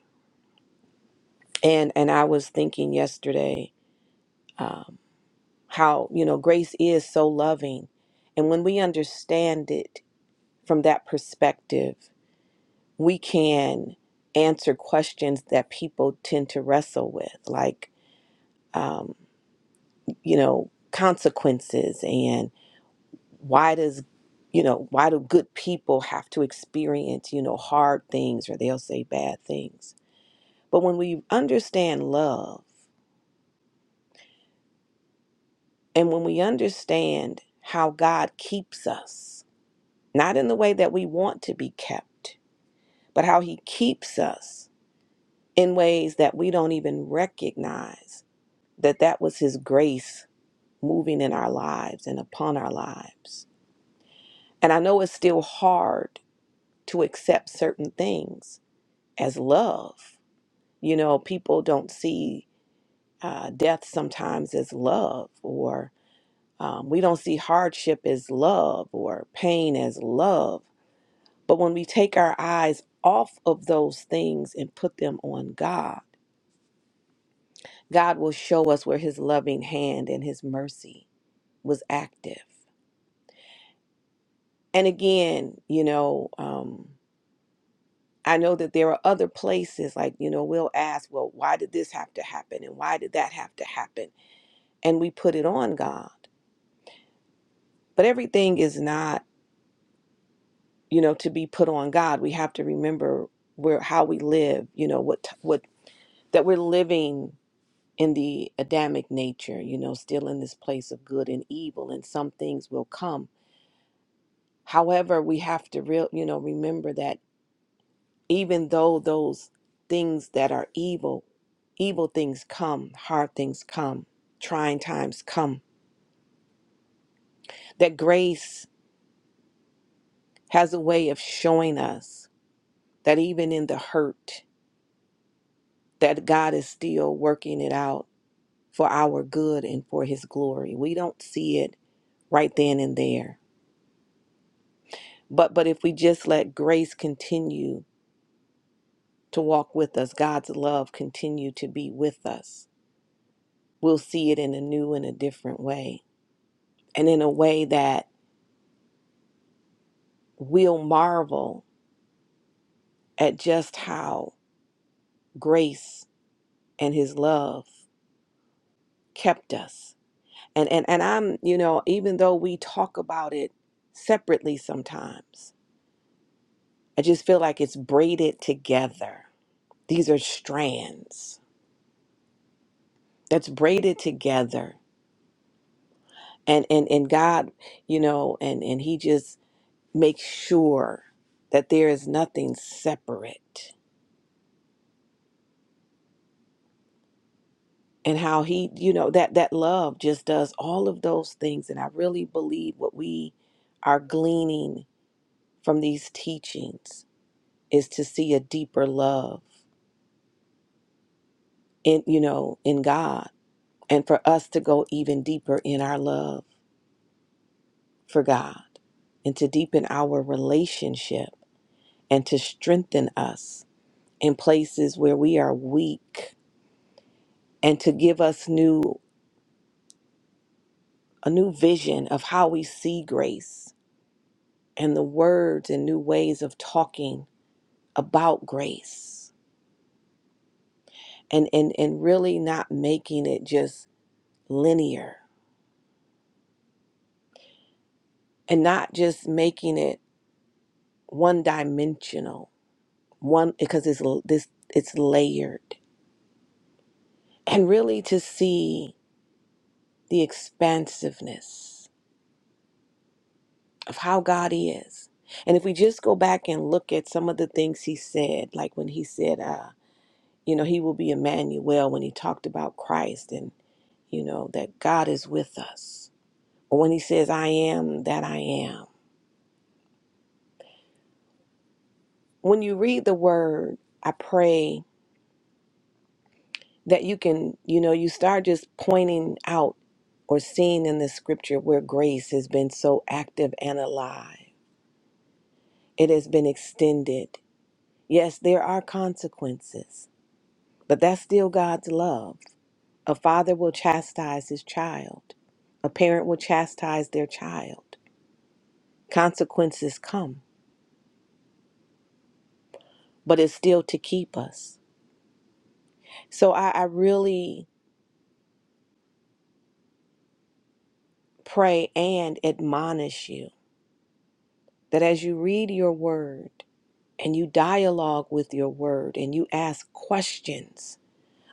B: and and I was thinking yesterday um, how you know grace is so loving and when we understand it from that perspective we can answer questions that people tend to wrestle with, like, um, you know, consequences and why does, you know, why do good people have to experience, you know, hard things or they'll say bad things? But when we understand love and when we understand how God keeps us, not in the way that we want to be kept, but how He keeps us in ways that we don't even recognize that that was his grace moving in our lives and upon our lives. And I know it's still hard to accept certain things as love. You know, people don't see uh, death sometimes as love, or um, we don't see hardship as love, or pain as love. But when we take our eyes off of those things and put them on God, God will show us where His loving hand and His mercy was active And again, you know, um, I know that there are other places like, you know, we'll ask, well, why did this have to happen? And why did that have to happen? And we put it on God. But everything is not, you know, to be put on God. We have to remember where how we live, you know, what what that we're living in the Adamic nature, you know, still in this place of good and evil, and some things will come. However, we have to real, you know, remember that even though those things that are evil, evil things come, hard things come, trying times come, that grace has a way of showing us that even in the hurt, that God is still working it out for our good and for his glory. We don't see it right then and there. But but if we just let grace continue to walk with us, God's love continue to be with us, we'll see it in a new and a different way. And in a way that we'll marvel at just how grace and his love kept us. And and and I'm, you know, even though we talk about it separately sometimes, I just feel like it's braided together. These are strands that's braided together. And and and God, you know, and and he just makes sure that there is nothing separate and how he you know that that love just does all of those things and i really believe what we are gleaning from these teachings is to see a deeper love in you know in god and for us to go even deeper in our love for god and to deepen our relationship and to strengthen us in places where we are weak and to give us new a new vision of how we see grace and the words and new ways of talking about grace and and and really not making it just linear and not just making it one dimensional one because it's this it's layered and really to see the expansiveness of how God is and if we just go back and look at some of the things he said like when he said uh you know he will be Emmanuel when he talked about Christ and. you know, that God is with us. When He says, I am that I am. When you read the word, I pray that you can, you know, you start just pointing out or seeing in the scripture where grace has been so active and alive. It has been extended. Yes, there are consequences, but that's still God's love. A father will chastise his child, a parent will chastise their child. Consequences come, but it's still to keep us. So I, I really pray and admonish you that as you read your word and you dialogue with your word and you ask questions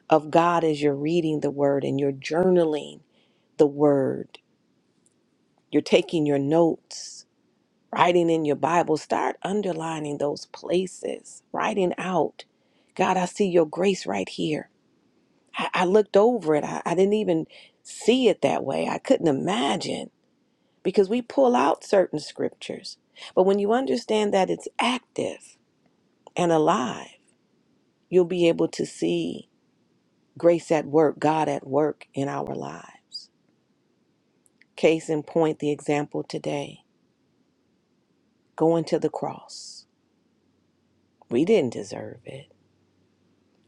B: of God as you're reading the word and you're journaling the word, you're taking your notes, writing in your Bible, start underlining those places, writing out, God, I see your grace right here. I, I looked over it. I, I didn't even see it that way. I couldn't imagine. because we pull out certain scriptures. But when you understand that it's active and alive, you'll be able to see grace at work, God at work in our lives. Case in point, the example today going to the cross. We didn't deserve it.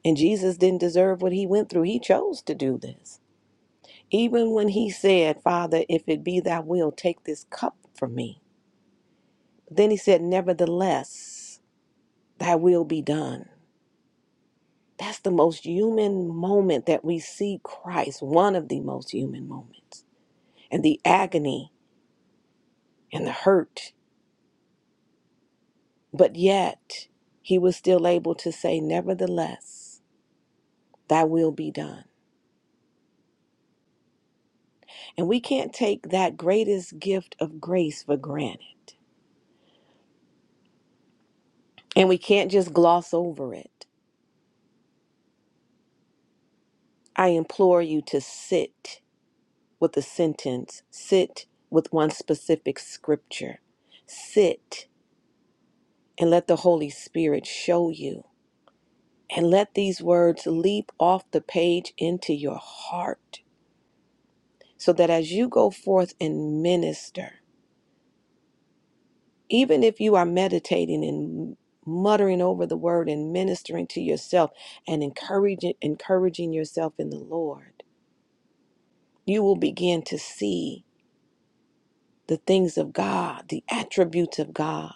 B: And Jesus didn't deserve what he went through. He chose to do this. Even when he said, Father, if it be thy will, take this cup from me. Then he said, Nevertheless, thy will be done. That's the most human moment that we see Christ, one of the most human moments, and the agony and the hurt. But yet, he was still able to say, Nevertheless, thy will be done. And we can't take that greatest gift of grace for granted. And we can't just gloss over it. I implore you to sit with a sentence, sit with one specific scripture, sit and let the Holy Spirit show you And let these words leap off the page into your heart so that as you go forth and minister, even if you are meditating and muttering over the word and ministering to yourself and encouraging encouraging yourself in the Lord, you will begin to see the things of God, the attributes of God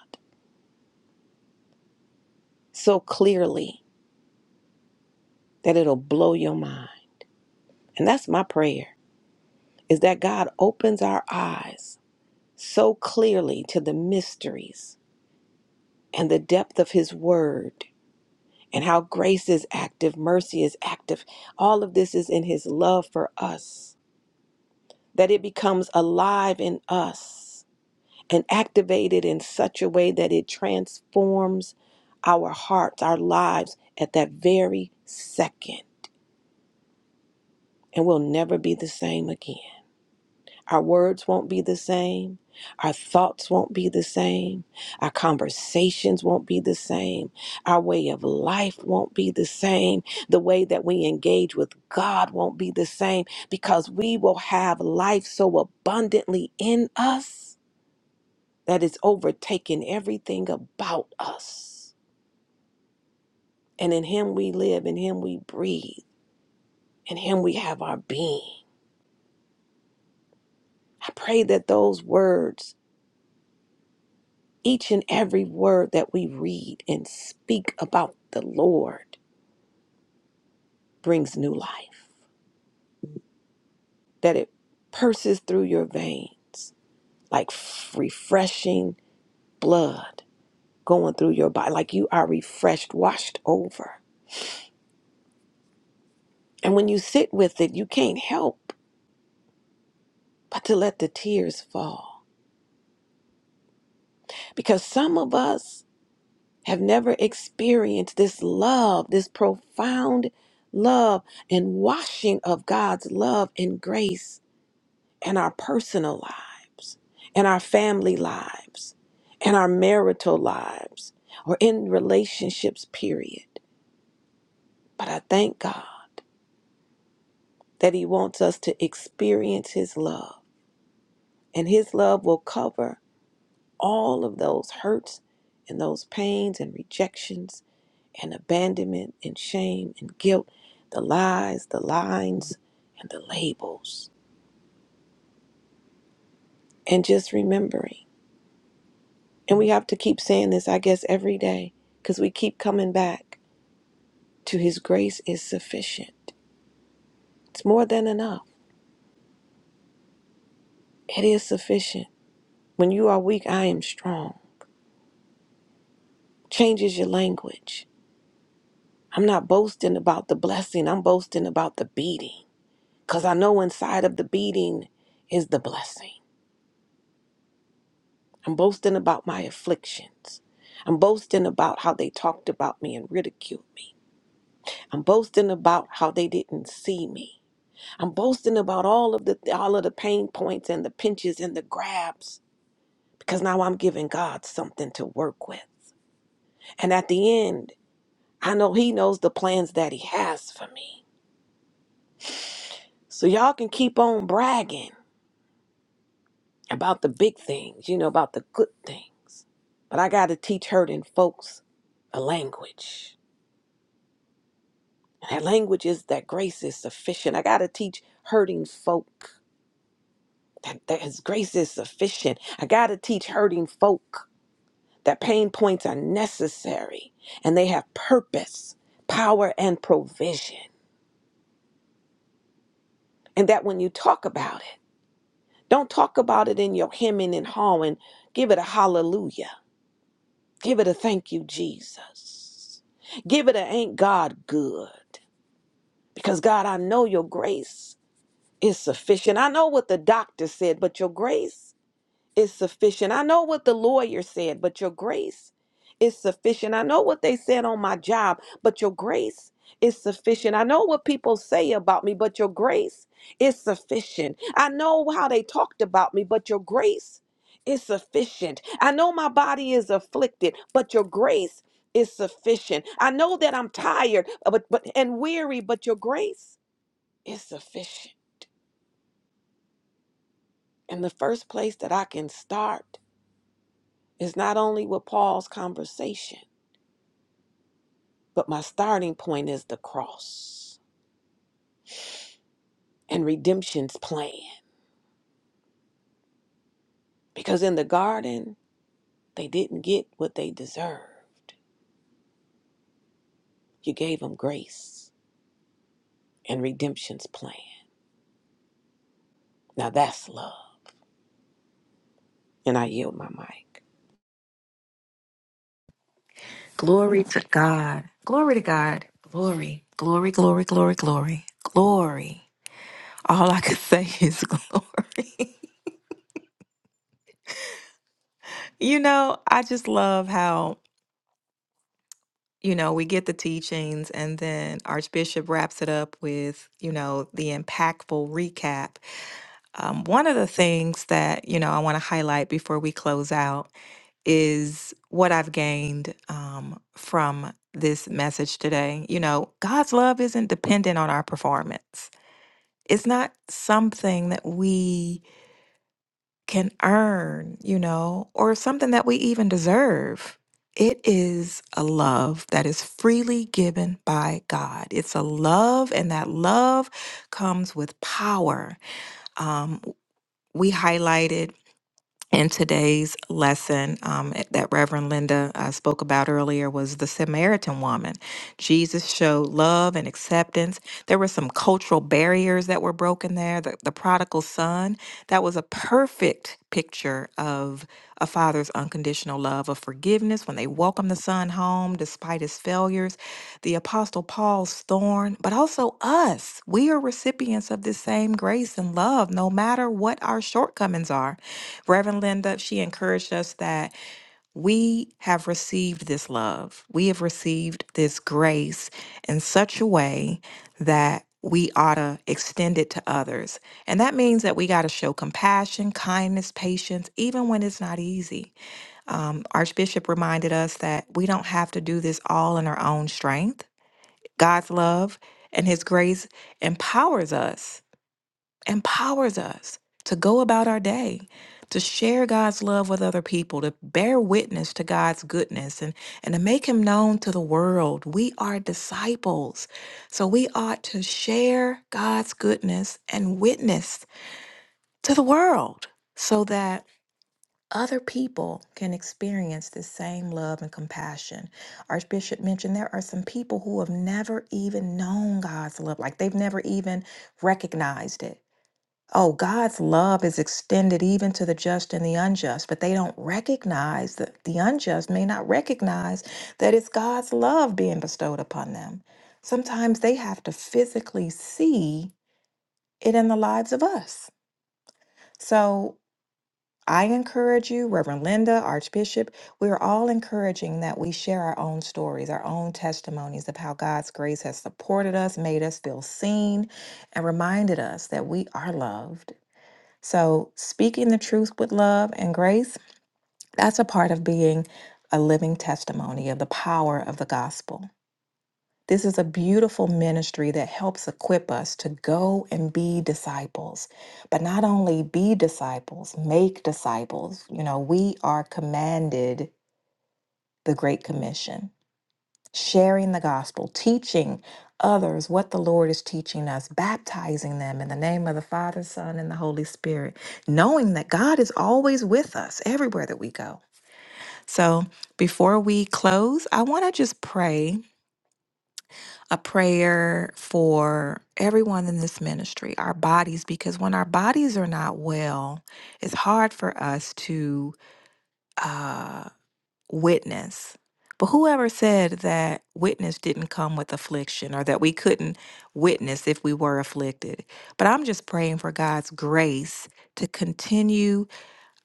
B: so clearly that it'll blow your mind. And that's my prayer is that God opens our eyes so clearly to the mysteries and the depth of his word and how grace is active, mercy is active. All of this is in his love for us, that it becomes alive in us and activated in such a way that it transforms our hearts, our lives at that very second, and we'll never be the same again. Our words won't be the same. Our thoughts won't be the same. Our conversations won't be the same. Our way of life won't be the same. The way that we engage with God won't be the same because we will have life so abundantly in us that it's overtaken everything about us. And in Him we live, in Him we breathe, in Him we have our being. I pray that those words Each and every word that we read and speak about the Lord brings new life, that it purses through your veins like f- refreshing blood going through your body, like you are refreshed, washed over. And when you sit with it, you can't help but to let the tears fall. Because some of us have never experienced this love, this profound love and washing of God's love and grace in our personal lives, in our family lives, in our marital lives, or in relationships, period. But I thank God that He wants us to experience His love, and His love will cover all of those hurts and those pains and rejections and abandonment and shame and guilt, the lies, the lines, and the labels. And just remembering. And we have to keep saying this, I guess, every day because we keep coming back to His grace is sufficient. It's more than enough. It is sufficient. When you are weak, I am strong. Changes your language. I'm not boasting about the blessing, I'm boasting about the beating because I know inside of the beating is the blessing. I'm boasting about my afflictions. I'm boasting about how they talked about me and ridiculed me. I'm boasting about how they didn't see me. I'm boasting about all of the all of the pain points and the pinches and the grabs because now I'm giving God something to work with. And at the end, I know he knows the plans that he has for me. So y'all can keep on bragging about the big things, you know, about the good things. But I got to teach hurting folks a language. And that language is that grace is sufficient. I got to teach hurting folk that, that his grace is sufficient. I got to teach hurting folk that pain points are necessary and they have purpose, power, and provision. And that when you talk about it, don't talk about it in your hemming and hawing. Give it a hallelujah. Give it a thank you, Jesus. Give it a ain't God good. Because God, I know your grace is sufficient. I know what the doctor said, but your grace is sufficient. I know what the lawyer said, but your grace is sufficient. I know what they said on my job, but your grace is sufficient. I know what people say about me, but your grace is sufficient. I know how they talked about me, but your grace is sufficient. I know my body is afflicted, but your grace is sufficient. I know that I'm tired uh, but, but and weary, but your grace is sufficient. And the first place that I can start It's not only with Paul's conversation, but my starting point is the cross and redemption's plan. Because in the garden, they didn't get what they deserved. You gave them grace and redemption's plan. Now that's love. And I yield my mic.
E: Glory to God. Glory to God. Glory. Glory, glory, glory, glory. Glory. All I could say is glory. you know, I just love how, you know, we get the teachings and then Archbishop wraps it up with, you know, the impactful recap. Um, one of the things that, you know, I want to highlight before we close out is what I've gained um, from this message today. You know, God's love isn't dependent on our performance, it's not something that we can earn, you know, or something that we even deserve. It is a love that is freely given by God. It's a love, and that love comes with power. Um, we highlighted in today's lesson um, eh, that Reverend Linda uh, spoke about earlier was the Samaritan woman. Jesus showed love and acceptance. There were some cultural barriers that were broken there. The, the prodigal son, that was a perfect picture of a father's unconditional love, of forgiveness when they welcomed the son home despite his failures the Apostle Paul's thorn, but also us. We are recipients of this same grace and love, no matter what our shortcomings are. Reverend Linda, she encouraged us that we have received this love, we have received this grace in such a way that we ought to extend it to others. And that means that we got to show compassion, kindness, patience, even when it's not easy. Um, Archbishop reminded us that we don't have to do this all in our own strength God's love and His grace empowers us, empowers us to go about our day, to share God's love with other people, to bear witness to God's goodness and, and to make Him known to the world. We are disciples. So we ought to share God's goodness and witness to the world so that other people can experience this same love and compassion. Archbishop mentioned there are some people who have never even known God's love, like they've never even recognized it. Oh, God's love is extended even to the just and the unjust, but they don't recognize that the unjust may not recognize that it's God's love being bestowed upon them. Sometimes they have to physically see it in the lives of us. So I encourage you, Reverend Linda, Archbishop, we are all encouraging that we share our own stories, our own testimonies of how God's grace has supported us, made us feel seen, and reminded us that we are loved. So, speaking the truth with love and grace, that's a part of being a living testimony of the power of the gospel. This is a beautiful ministry that helps equip us to go and be disciples, but not only be disciples, make disciples. You know, we are commanded the Great Commission, sharing the gospel, teaching others what the Lord is teaching us, baptizing them in the name of the Father, Son, and the Holy Spirit, knowing that God is always with us everywhere that we go. So before we close, I want to just pray a prayer for everyone in this ministry, our bodies, because when our bodies are not well, it's hard for us to uh, witness. But whoever said that witness didn't come with affliction or that we couldn't witness if we were afflicted. But I'm just praying for God's grace to continue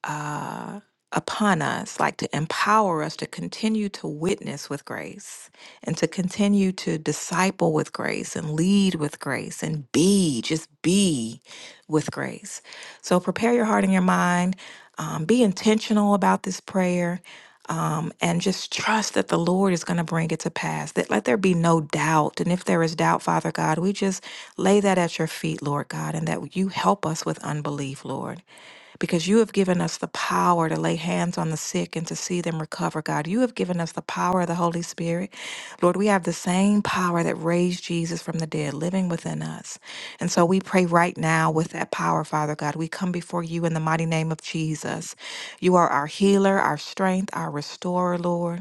E: uh, upon us, like to empower us to continue to witness with grace and to continue to disciple with grace and lead with grace and be, just be with grace. So prepare your heart and your mind, um, be intentional about this prayer. Um, and just trust that the Lord is going to bring it to pass. That let there be no doubt. And if there is doubt, Father God, we just lay that at your feet, Lord God, and that you help us with unbelief, Lord because you have given us the power to lay hands on the sick and to see them recover, God. You have given us the power of the Holy Spirit. Lord, we have the same power that raised Jesus from the dead living within us. And so we pray right now with that power, Father God. We come before you in the mighty name of Jesus. You are our healer, our strength, our restorer, Lord.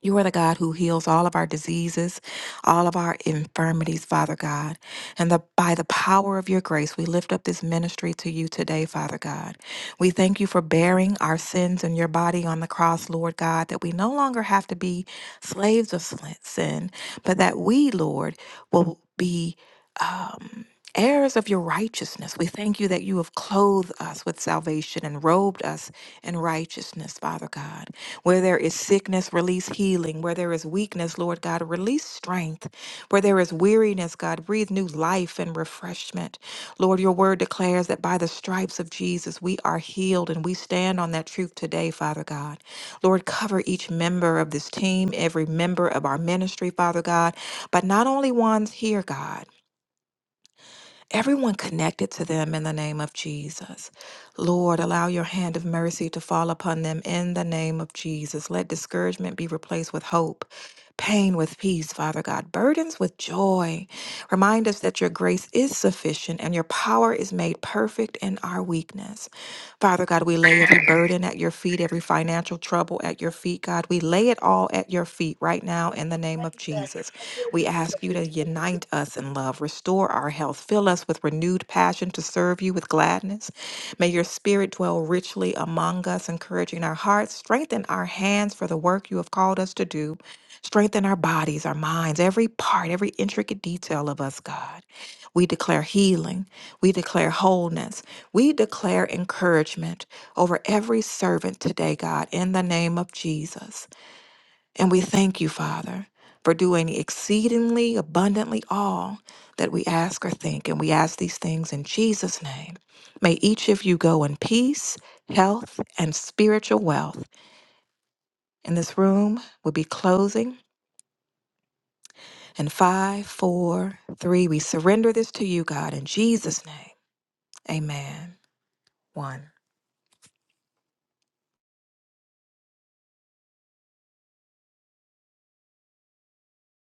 E: You are the God who heals all of our diseases, all of our infirmities, Father God. And the, by the power of your grace, we lift up this ministry to you today, Father God. We thank you for bearing our sins in your body on the cross, Lord God, that we no longer have to be slaves of sl- sin, but that we, Lord, will be. Um, heirs of your righteousness. We thank you that you have clothed us with salvation and robed us in righteousness, Father God. Where there is sickness, release healing. Where there is weakness, Lord God, release strength. Where there is weariness, God, breathe new life and refreshment. Lord, your word declares that by the stripes of Jesus we are healed and we stand on that truth today, Father God. Lord, cover each member of this team, every member of our ministry, Father God, but not only ones here, God everyone connected to them in the name of Jesus. Lord, allow your hand of mercy to fall upon them in the name of Jesus. Let discouragement be replaced with hope, pain with peace, Father God, burdens with joy. Remind us that your grace is sufficient and your power is made perfect in our weakness. Father God, we lay every burden at your feet, every financial trouble at your feet, God. We lay it all at your feet right now in the name of Jesus. We ask you to unite us in love, restore our health, fill us with renewed passion to serve you with gladness. May your spirit dwell richly among us, encouraging our hearts, strengthen our hands for the work you have called us to do. Strengthen our bodies, our minds, every part, every intricate detail of us, God. We declare healing. We declare wholeness. We declare encouragement over every servant today, God, in the name of Jesus. And we thank you, Father, for doing exceedingly abundantly all that we ask or think. And we ask these things in Jesus' name. May each of you go in peace, health, and spiritual wealth. And this room will be closing. And five, four, three, we surrender this to you, God, in Jesus' name. Amen. One.